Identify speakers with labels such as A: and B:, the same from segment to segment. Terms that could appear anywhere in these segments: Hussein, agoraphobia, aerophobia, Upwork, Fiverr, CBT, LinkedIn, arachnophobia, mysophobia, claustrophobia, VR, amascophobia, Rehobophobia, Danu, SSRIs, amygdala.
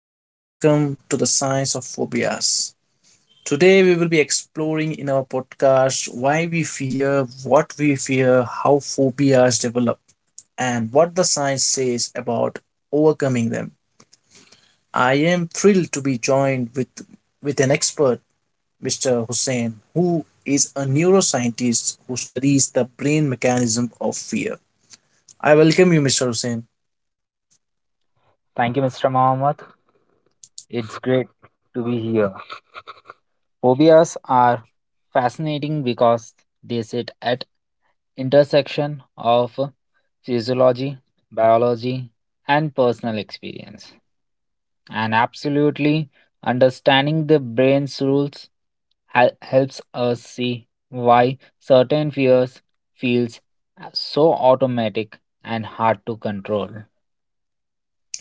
A: and welcome to the Science of Phobias. Today, we will be exploring in our podcast why we fear, what we fear, how phobias develop, and what the science says about overcoming them. I am thrilled to be joined with an expert, Mr. Hussein, who is a neuroscientist who studies the brain mechanism of fear. I welcome you, Mr. Hussein.
B: Thank you, Mr. Mohammed. It's great to be here. Phobias are fascinating because they sit at intersection of physiology, biology, and personal experience. And absolutely understanding the brain's rules helps us see why certain fears feels so automatic and hard to control.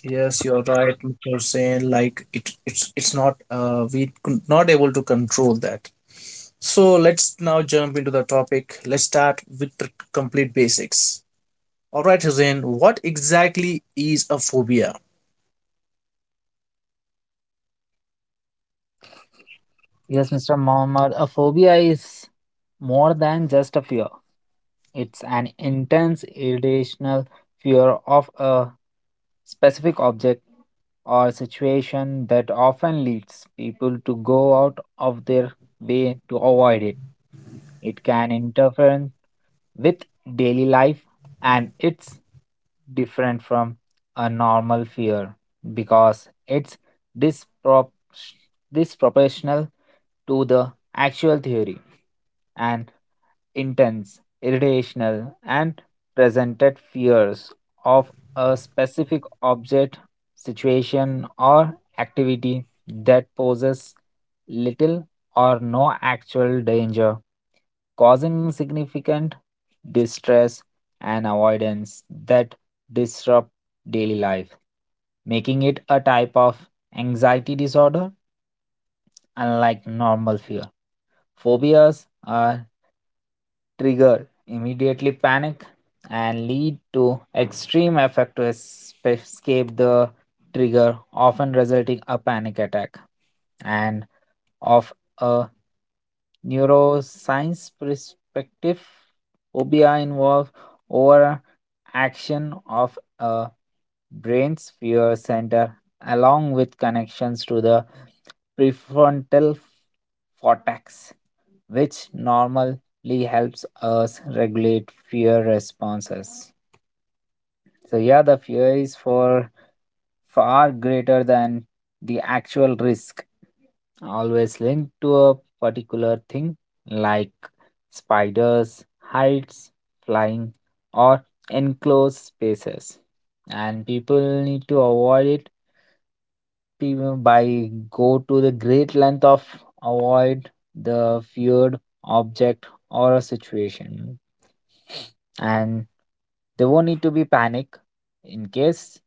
A: Yes, you're right, Mr. Hussain. It's not we could not able to control that. So let's now jump into the topic. Let's start with the complete basics. All right, Hussein. What exactly is a phobia?
B: Yes, Mr. Mohammed, a phobia is more than just a fear. It's an intense, irrational fear of a specific object or situation that often leads people to go out of their way to avoid it. It can interfere with daily life, and it's different from a normal fear because it's dispro- disproportional to the actual theory and intense, irritational, and presented fears of a specific object, situation, or activity that poses little or no actual danger, causing significant distress and avoidance that disrupt daily life, making it a type of anxiety disorder unlike normal fear. Phobias are trigger immediately panic and lead to extreme effort to escape the trigger, often resulting a panic attack. And of a neuroscience perspective, phobia involve over action of a brain's fear center along with connections to the prefrontal cortex which normally helps us regulate fear responses. So, yeah, the fear is for far greater than the actual risk, always linked to a particular thing like spiders, heights, flying, or enclosed spaces. And people need to avoid it, people by go to the great length of avoid the feared object or a situation, and there won't need to be panic in case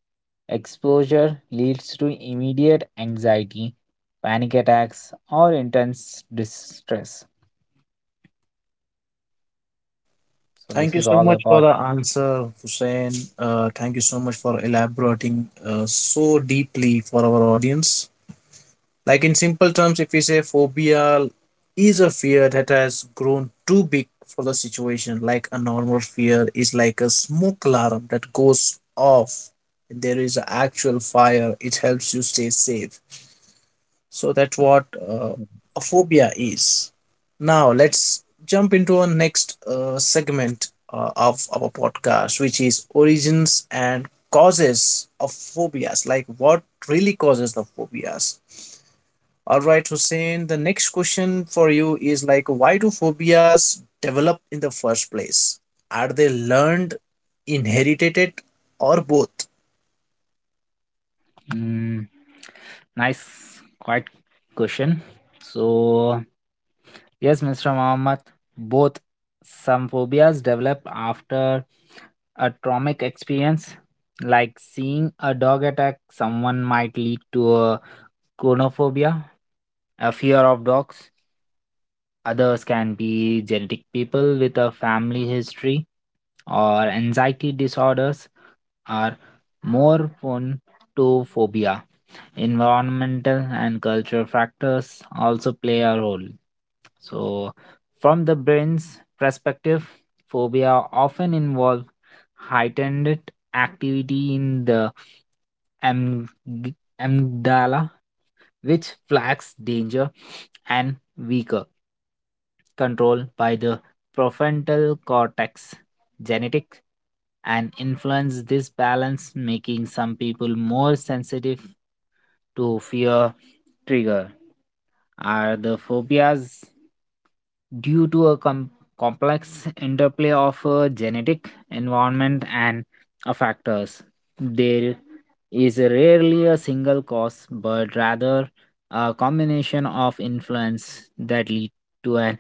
B: exposure leads to immediate anxiety, panic attacks, or intense distress. So
A: Thank
B: this
A: you
B: is
A: so
B: all
A: much for
B: about
A: the answer, Hussein. Thank you so much for elaborating so deeply for our audience. Like in simple terms, if we say phobia is a fear that has grown too big for the situation, like a normal fear is like a smoke alarm that goes off. There is an actual fire, it helps you stay safe. So that's what a phobia is. Now let's jump into our next segment of our podcast, which is origins and causes of phobias. Like what really causes the phobias? All right, Hussein. The next question for you is like, why do phobias develop in the first place? Are they learned, inherited, or both?
B: mm, nice quite question. So yes, Mr. Mohammed, both. Some phobias develop after a traumatic experience, like seeing a dog attack someone might lead to a chronophobia, a fear of dogs. Others can be genetic. People with a family history or anxiety disorders are more prone to phobia. Environmental and cultural factors also play a role. So, from the brain's perspective, phobia often involve heightened activity in the amg- amygdala, which flags danger, and weaker control by the prefrontal cortex, genetics, and influence this balance, making some people more sensitive to fear trigger. Are the phobias due to a complex interplay of genetic environment and factors? They is rarely a single cause, but rather a combination of influence that lead to an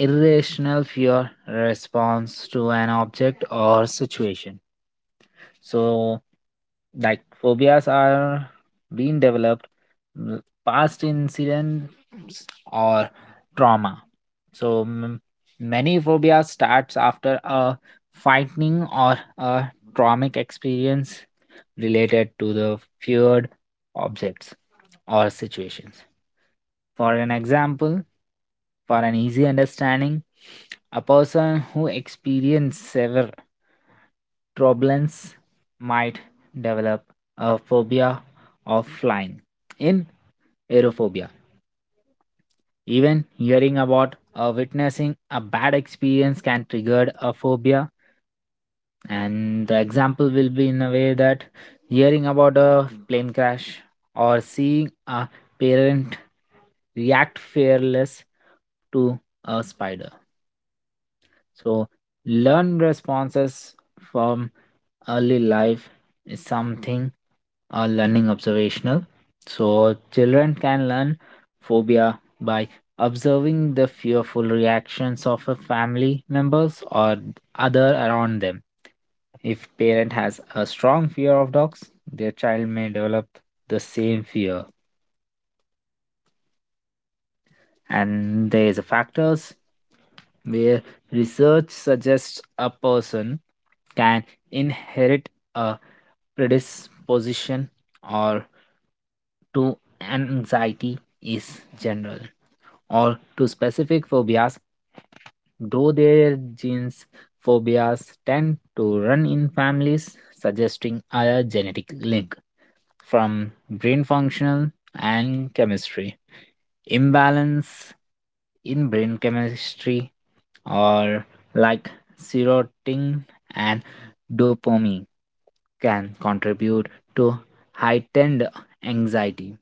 B: irrational fear response to an object or situation. So, like phobias are being developed, mm, past incident or trauma. So many phobias starts after a frightening or a traumatic experience related to the feared objects or situations. For an example, for an easy understanding, a person who experiences severe turbulence might develop a phobia of flying in aerophobia. Even hearing about or witnessing a bad experience can trigger a phobia, and the example will be in a way that hearing about a plane crash or seeing a parent react fearless to a spider. So learn responses from early life is something learning observational. So children can learn phobia by observing the fearful reactions of a family members or other around them. If parent has a strong fear of dogs, their child may develop the same fear. And there is a factors where research suggests a person can inherit a predisposition or to anxiety is general or to specific phobias, though their genes phobias tend to run in families, suggesting a genetic link from brain functional and chemistry. Imbalance in brain chemistry, or like serotonin and dopamine, can contribute to heightened anxiety.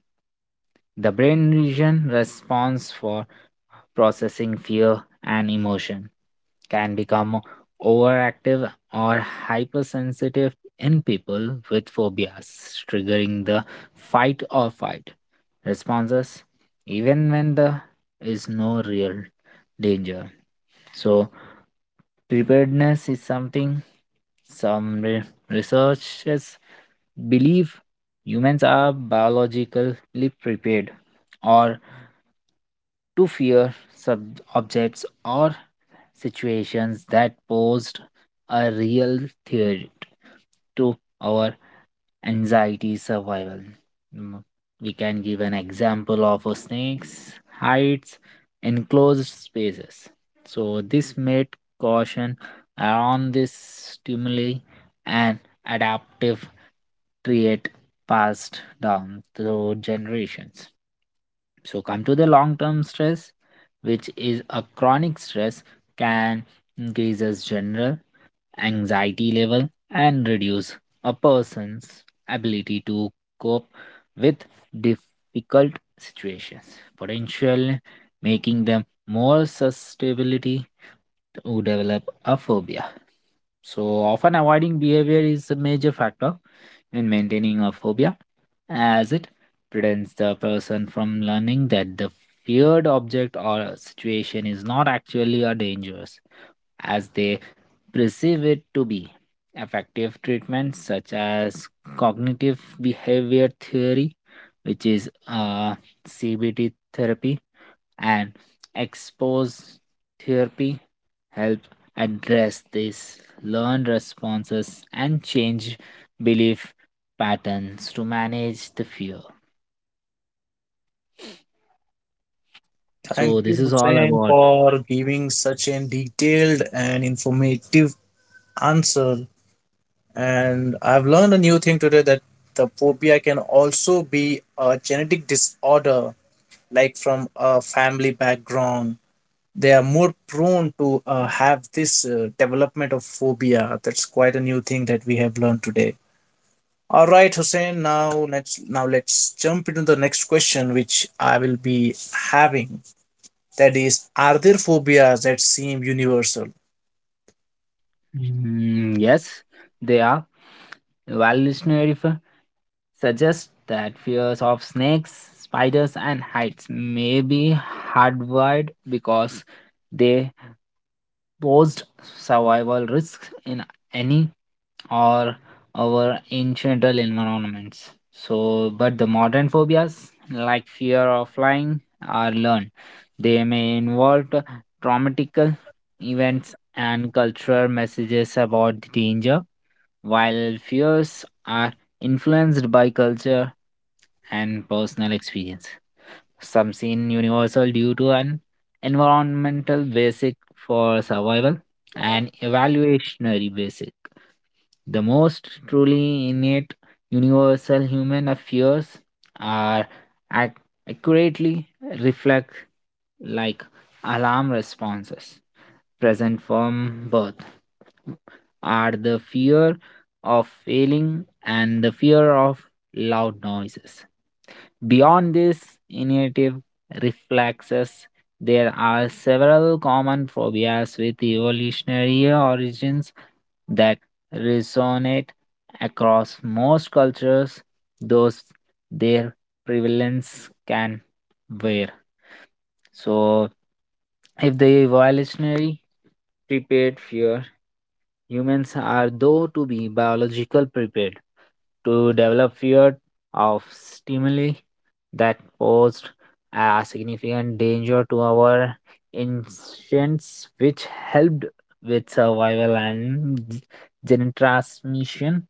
B: The brain region responds for processing fear and emotion can become overactive or hypersensitive in people with phobias, triggering the fight or flight responses, even when there is no real danger. So, preparedness is something some researchers believe. Humans are biologically prepared or to fear objects or situations that posed a real threat to our anxiety survival. Mm, we can give an example of a snakes hides in closed spaces. So this made caution around this stimuli and adaptive trait passed down through generations. So come to the long term stress, which is a chronic stress can increase as general anxiety level and reduce a person's ability to cope with difficult situations, potentially making them more susceptible to develop a phobia. So often avoiding behavior is a major factor in maintaining a phobia, as it prevents the person from learning that the feared object or situation is not actually a dangerous as they perceive it to be. Effective treatments such as cognitive behavior theory, which is CBT therapy, and expose therapy help address these learned responses and change belief patterns to manage the fear.
A: Thank
B: So
A: you,
B: this is all
A: Hussein,
B: about.
A: for giving such a detailed and informative answer. And I've learned a new thing today that the phobia can also be a genetic disorder, like from a family background they are more prone to have this development of phobia. That's quite a new thing that we have learned today. All right, Hussein. Now let's jump into the next question which I will be having, that is, are there phobias that seem universal?
B: Mm, yes, they are. Evolutionary suggests that fears of snakes, spiders, and heights may be hardwired because they posed survival risks in any or our incidental environments. So, but the modern phobias, like fear of flying, are learned. They may involve traumatic events and cultural messages about the danger, while fears are influenced by culture and personal experience. Some seen universal due to an environmental basic for survival and evaluationary basic. The most truly innate universal human affairs are ac- accurately reflect like alarm responses present from birth are the fear of failing and the fear of loud noises. Beyond these initiative reflexes, there are several common phobias with evolutionary origins that resonate across most cultures, though their prevalence can vary. So, if the evolutionary prepared fear, humans are though to be biological prepared to develop fear of stimuli that posed a significant danger to our instincts, which helped with survival and gene transmission.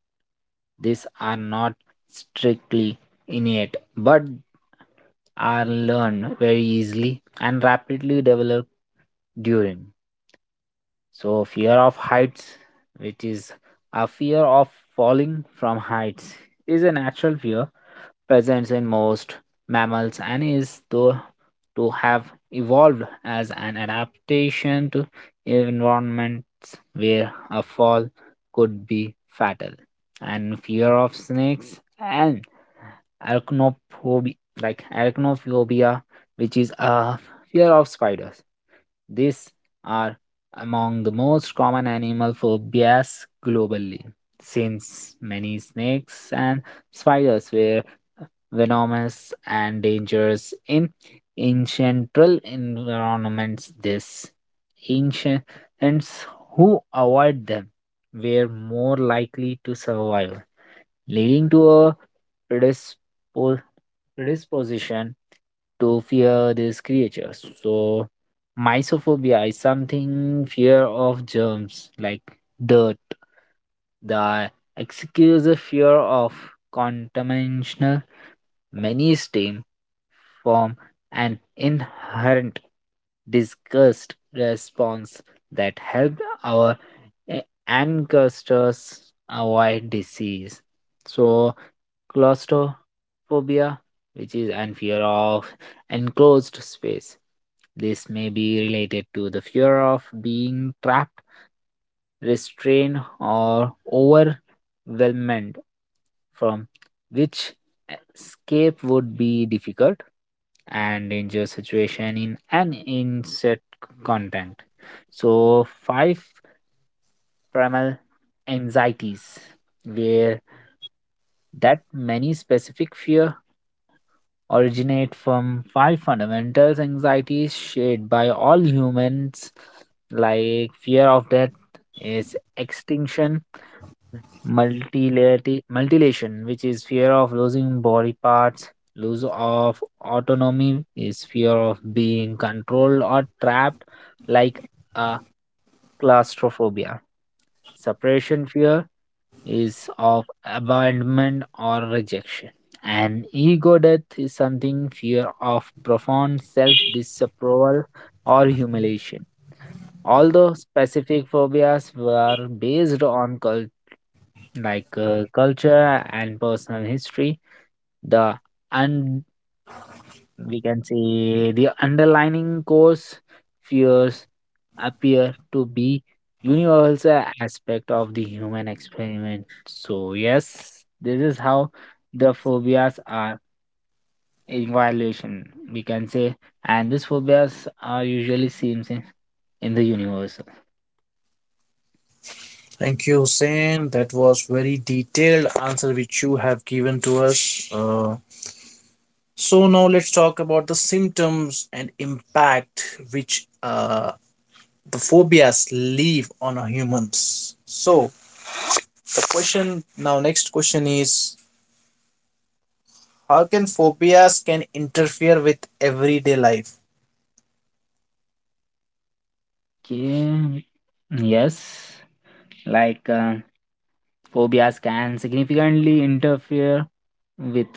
B: These are not strictly innate, but are learned very easily and rapidly developed during. So, fear of heights, which is a fear of falling from heights, is a natural fear present in most mammals and is thought to have evolved as an adaptation to environments where a fall could be fatal. And fear of snakes and arachnophobia, like arachnophobia, which is a fear of spiders, these are among the most common animal phobias globally, since many snakes and spiders were venomous and dangerous in ancestral environments. These ancients who avoid them were more likely to survive, leading to a predispos- predisposition to fear these creatures. So, mysophobia is something, fear of germs like dirt. The excuse a fear of contamination. Many stem from an inherent disgust response that helped our ancestors avoid disease. So, claustrophobia, which is an fear of enclosed space, this may be related to the fear of being trapped, restrained, or overwhelmed, from which escape would be difficult and dangerous situation in an insect content. So, five primal anxieties, where that many specific fear originate from five fundamental anxieties shared by all humans, like fear of death is extinction, mutilation, which is fear of losing body parts, loss of autonomy is fear of being controlled or trapped, like a claustrophobia, separation fear is of abandonment or rejection. And ego death is something fear of profound self disapproval or humiliation. Although specific phobias were based on like culture and personal history, the we can say the underlining cause fears appear to be universal aspect of the human experiment. So yes, this is how the phobias are evaluation, we can say, and these phobias are usually seen in the universal.
A: Thank you, Hussein. That was very detailed answer which you have given to us. So now let's talk about the symptoms and impact which the phobias live on a humans. So the question now, next question is, how can phobias can interfere with everyday life?
B: Okay, yes, like phobias can significantly interfere with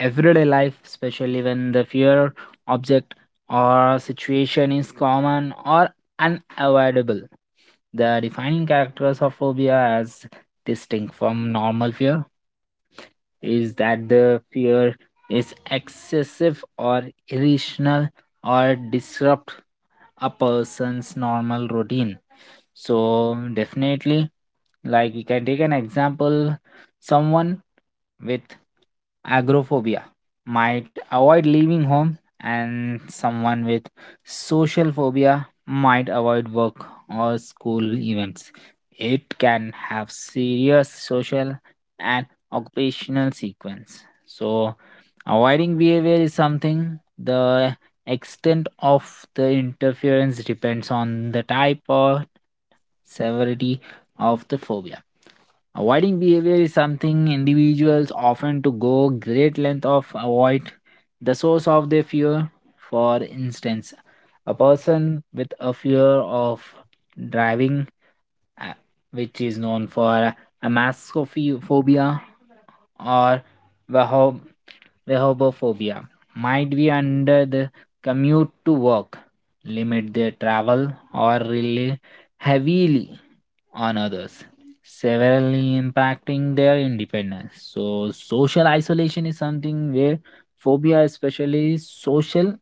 B: everyday life, especially when the fear, object, or situation is common or unavoidable. The defining characters of phobia as distinct from normal fear is that the fear is excessive or irrational or disrupt a person's normal routine. So definitely, like, we can take an example. Someone with agoraphobia might avoid leaving home, and someone with social phobia might avoid work or school events. It can have serious social and occupational sequence. So avoiding behavior is something. The extent of the interference depends on the type or severity of the phobia. Avoiding behavior is something individuals often to go great length of avoid the source of their fear. For instance, a person with a fear of driving, uh, which is known for amascophobia or rehobophobia, might be under the commute to work, limit their travel, or rely heavily on others, severely impacting their independence. So, social isolation is something where phobia, especially social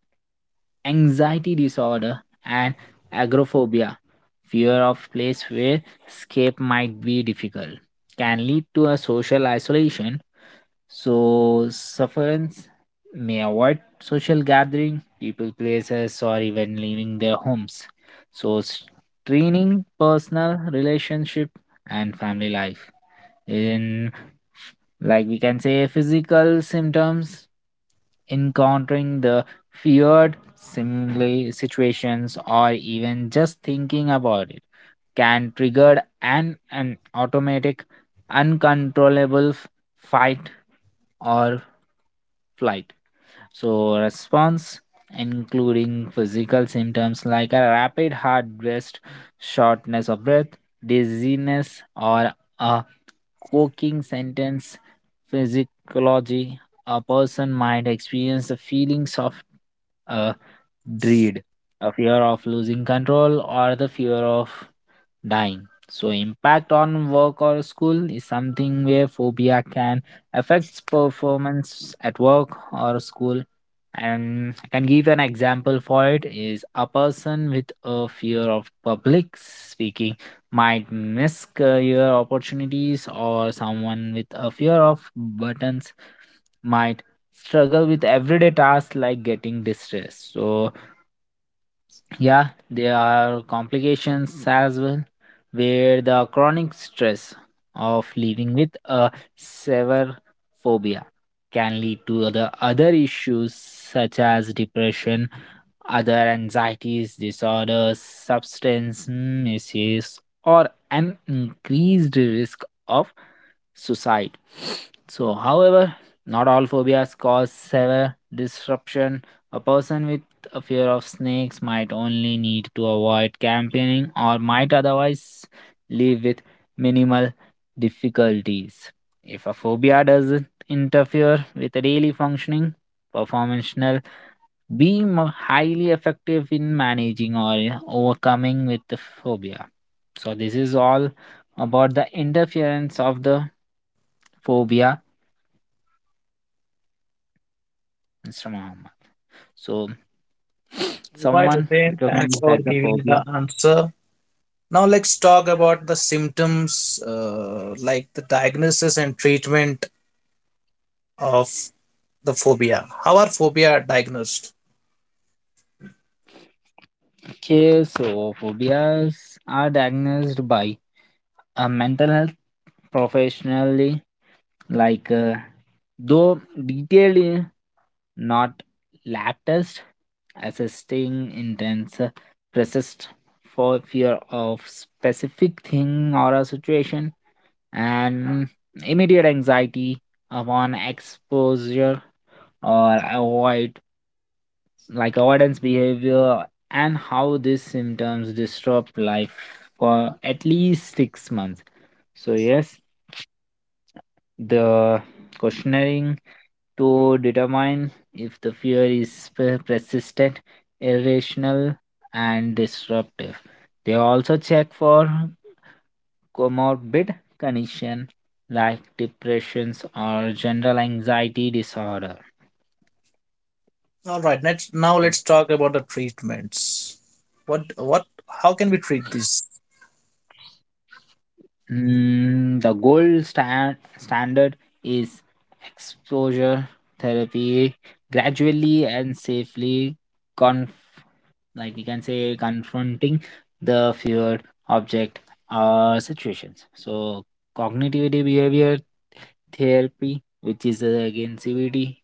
B: anxiety disorder and agoraphobia, fear of place where escape might be difficult, can lead to a social isolation. So sufferance may avoid social gathering, people places, or even leaving their homes. So straining personal relationship and family life. In, like, we can say physical symptoms, encountering the feared similar situations or even just thinking about it can trigger an automatic uncontrollable fight or flight. So, response including physical symptoms like a rapid heart rate, shortness of breath, dizziness, or a choking sentence. Physiology a person might experience the feelings of a dread, a fear of losing control, or the fear of dying. So impact on work or school is something where phobia can affect performance at work or school. And I can give an example for it is a person with a fear of public speaking might miss career opportunities, or someone with a fear of buttons might struggle with everyday tasks like getting distressed. So yeah, there are complications as well, where the chronic stress of living with a severe phobia can lead to the other issues such as depression, other anxieties, disorders, substance misuse, or an increased risk of suicide. So, however, not all phobias cause severe disruption. A person with a fear of snakes might only need to avoid campaigning, or might otherwise live with minimal difficulties. If a phobia doesn't interfere with daily functioning, performational being mo- highly effective in managing or overcoming with the phobia. So this is all about the interference of the phobia Instagram. So
A: Right,
B: someone
A: Hussein. Thanks
B: recognized
A: for
B: as a
A: giving
B: phobia.
A: the answer. Now let's talk about the symptoms, like the diagnosis and treatment of the phobia. How are phobia diagnosed?
B: Okay, so phobias are diagnosed by a mental health professionally, like though detailed, in not lab test, assisting intense persist for fear of specific thing or a situation, and immediate anxiety upon exposure or avoid, like avoidance behavior, and how these symptoms disrupt life for at least six months. So, yes, the questioning to determine if the fear is per- persistent, irrational, and disruptive. They also check for comorbid condition like depressions or general anxiety disorder.
A: All right. Let's talk about the treatments. What what? How can we treat this?
B: The standard is exposure therapy, gradually and safely conf- like we can say confronting the feared object or situations. So cognitive behavior therapy, which is again cbt,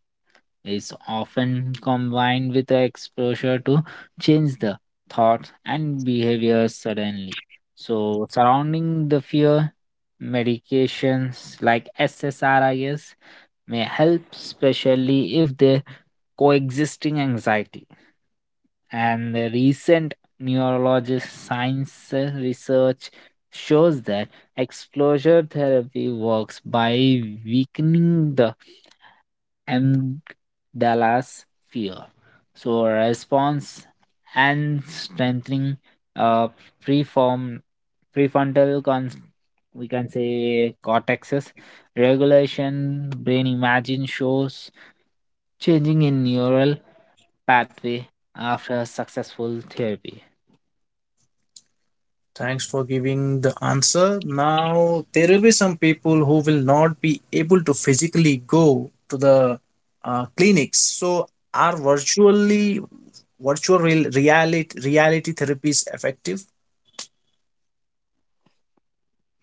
B: is often combined with the exposure to change the thoughts and behavior suddenly. So, surrounding the fear, medications like SSRIs may help, especially if they coexisting anxiety. And the recent neurologist science research shows that exposure therapy works by weakening the M. Dallas fear. So response and strengthening uh preform prefrontal cons, we can say cortexes, regulation. Brain imagine shows changing in neural pathway after successful therapy.
A: Thanks for giving the answer. Now, there will be some people who will not be able to physically go to the clinics. So, are virtual reality therapies effective?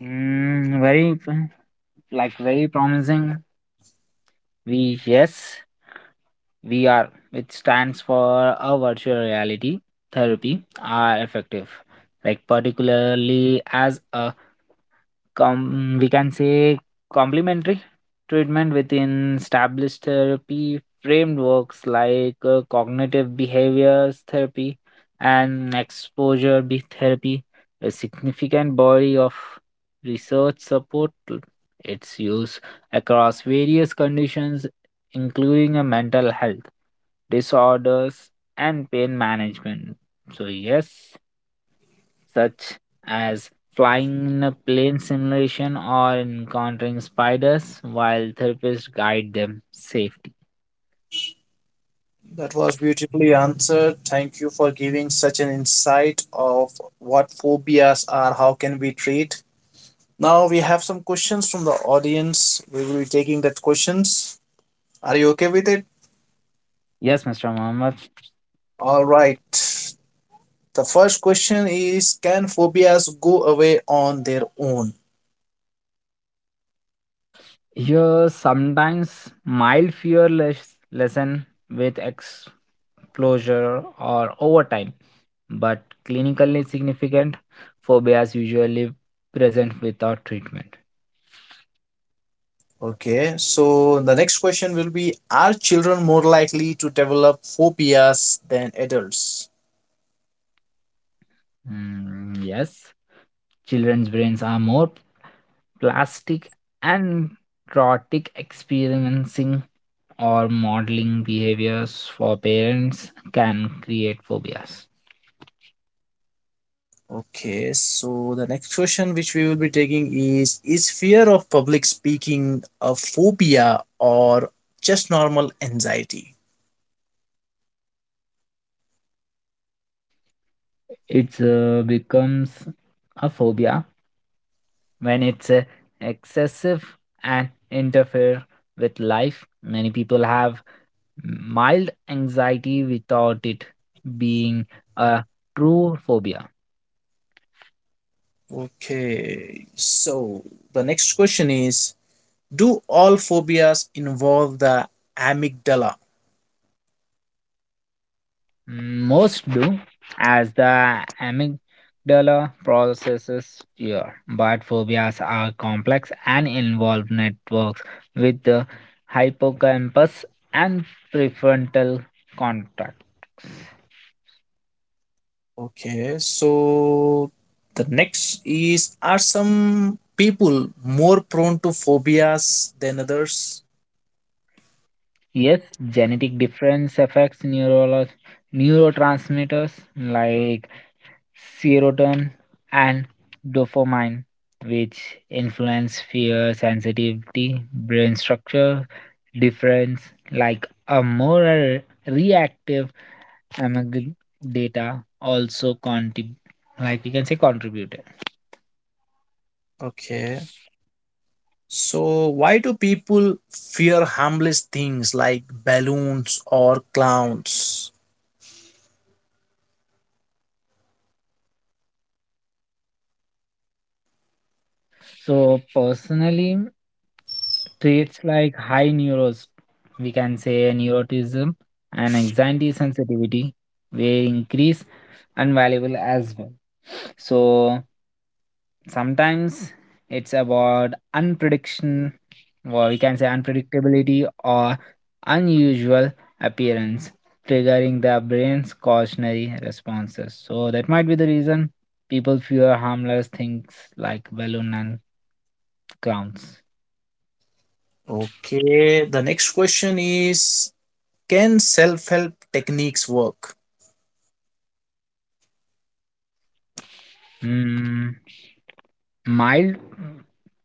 B: mm, very p- like very promising, we yes, VR, which stands for a virtual reality therapy, are effective, like particularly as a com- we can say complementary treatment within established therapy frameworks like cognitive behaviors therapy and exposure be- therapy. A significant body of research support l- its use across various conditions, including a mental health disorders and pain management. So yes, such as flying in a plane simulation or encountering spiders while therapists guide them safely.
A: That was beautifully answered. Thank you for giving such an insight of what phobias are, how can we treat. Now we have some questions from the audience. We will be taking that questions. Are you okay with it?
B: Yes, Mr. Mohammed,
A: All right. The first question is, can phobias go away on their own?
B: your sometimes mild fear less lesson with exposure or overtime, but clinically significant phobias usually present without treatment.
A: Okay, so the next question will be, are children more likely to develop phobias than adults?
B: Yes, children's brains are more plastic, and traumatic experiencing or modeling behaviors for parents can create phobias.
A: Okay, so the next question which we will be taking is fear of public speaking a phobia or just normal anxiety?
B: It becomes a phobia when it's excessive and interfere with life. Many people have mild anxiety without it being a true phobia.
A: Okay, so the next question is, do all phobias involve the amygdala?
B: Most do, as the amygdala processes fear, but phobias are complex and involve networks with the hippocampus and prefrontal cortex.
A: Okay, so the next is, are some people more prone to phobias than others?
B: Yes, genetic difference affects neurotransmitters like serotonin and dopamine, which influence fear sensitivity, brain structure, difference like a more reactive among data also contrib- like we can say contributed.
A: Okay, so why do people fear harmless things like balloons or clowns?
B: So personally traits like high neuros we can say neuroticism and anxiety sensitivity were increase and valuable as well. So sometimes it's about unprediction, or we can say unpredictability or unusual appearance, triggering the brain's cautionary responses. So that might be the reason people fear harmless things like balloon and clowns.
A: Okay, the next question is, can self help techniques work?
B: Hmm, Mild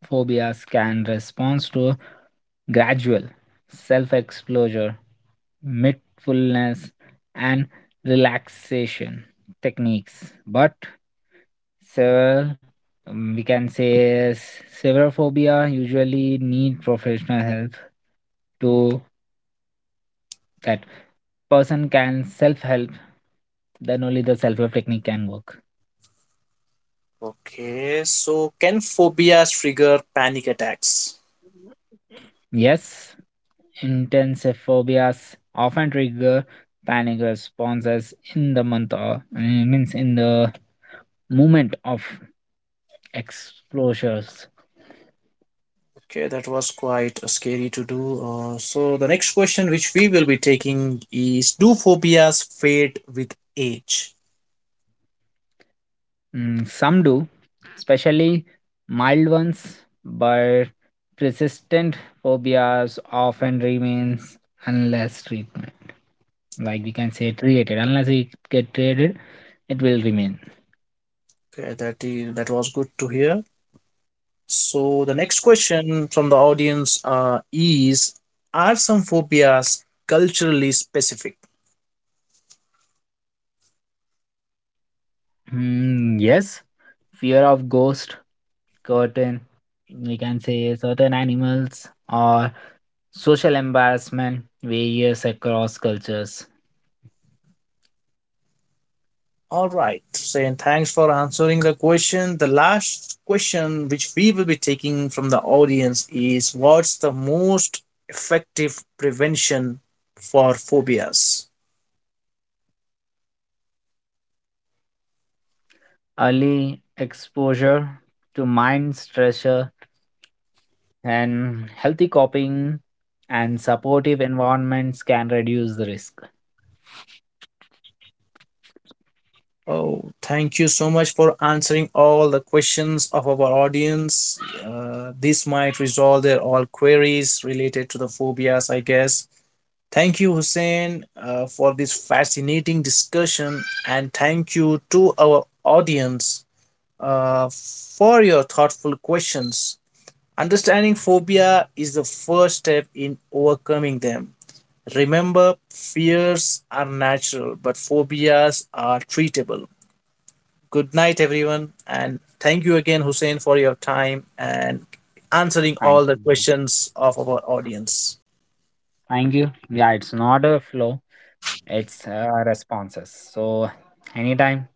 B: phobias can respond to gradual self-exposure, mindfulness, and relaxation techniques, but several, we can say s- severophobia usually need professional help to that person can self-help, then only the self-help technique can work.
A: Okay, so can phobias trigger panic attacks?
B: Yes, intense phobias often trigger panic responses in the month or means in the moment of exposures.
A: Okay, that was quite scary to do. So the next question which we will be taking is, do phobias fade with age?
B: Some do, especially mild ones, but persistent phobias often remains unless treatment, like we can say treated. Unless it get treated, it will remain.
A: Okay, that was good to hear. So the next question from the audience is, are some phobias culturally specific?
B: Yes, fear of ghost, curtain, we can say certain animals or social embarrassment varies across cultures.
A: All right, saying thanks for answering the question. The last question which we will be taking from the audience is, what's the most effective prevention for phobias?
B: Early exposure to mind stressor and healthy coping and supportive environments can reduce the risk.
A: Oh, thank you so much for answering all the questions of our audience. This might resolve their all queries related to the phobias, I guess. Thank you, Hussein, for this fascinating discussion, and thank you to our audience uh, for your thoughtful questions. Understanding phobia is the first step in overcoming them. Remember, fears are natural, but phobias are treatable. Good night, everyone. And thank you again, Hussein, for your time and answering all
B: Thank
A: the
B: you.
A: questions of our audience.
B: Thank you. Yeah, it's not a flow, it's responses. So, anytime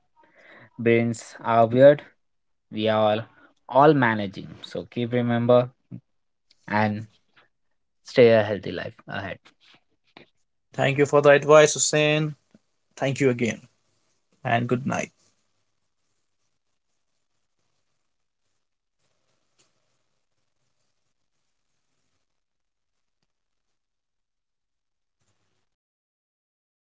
B: brains are weird, we are all managing. So, keep remember and stay a healthy life ahead.
A: Thank you for the advice, Hussein. Thank you again. And good night.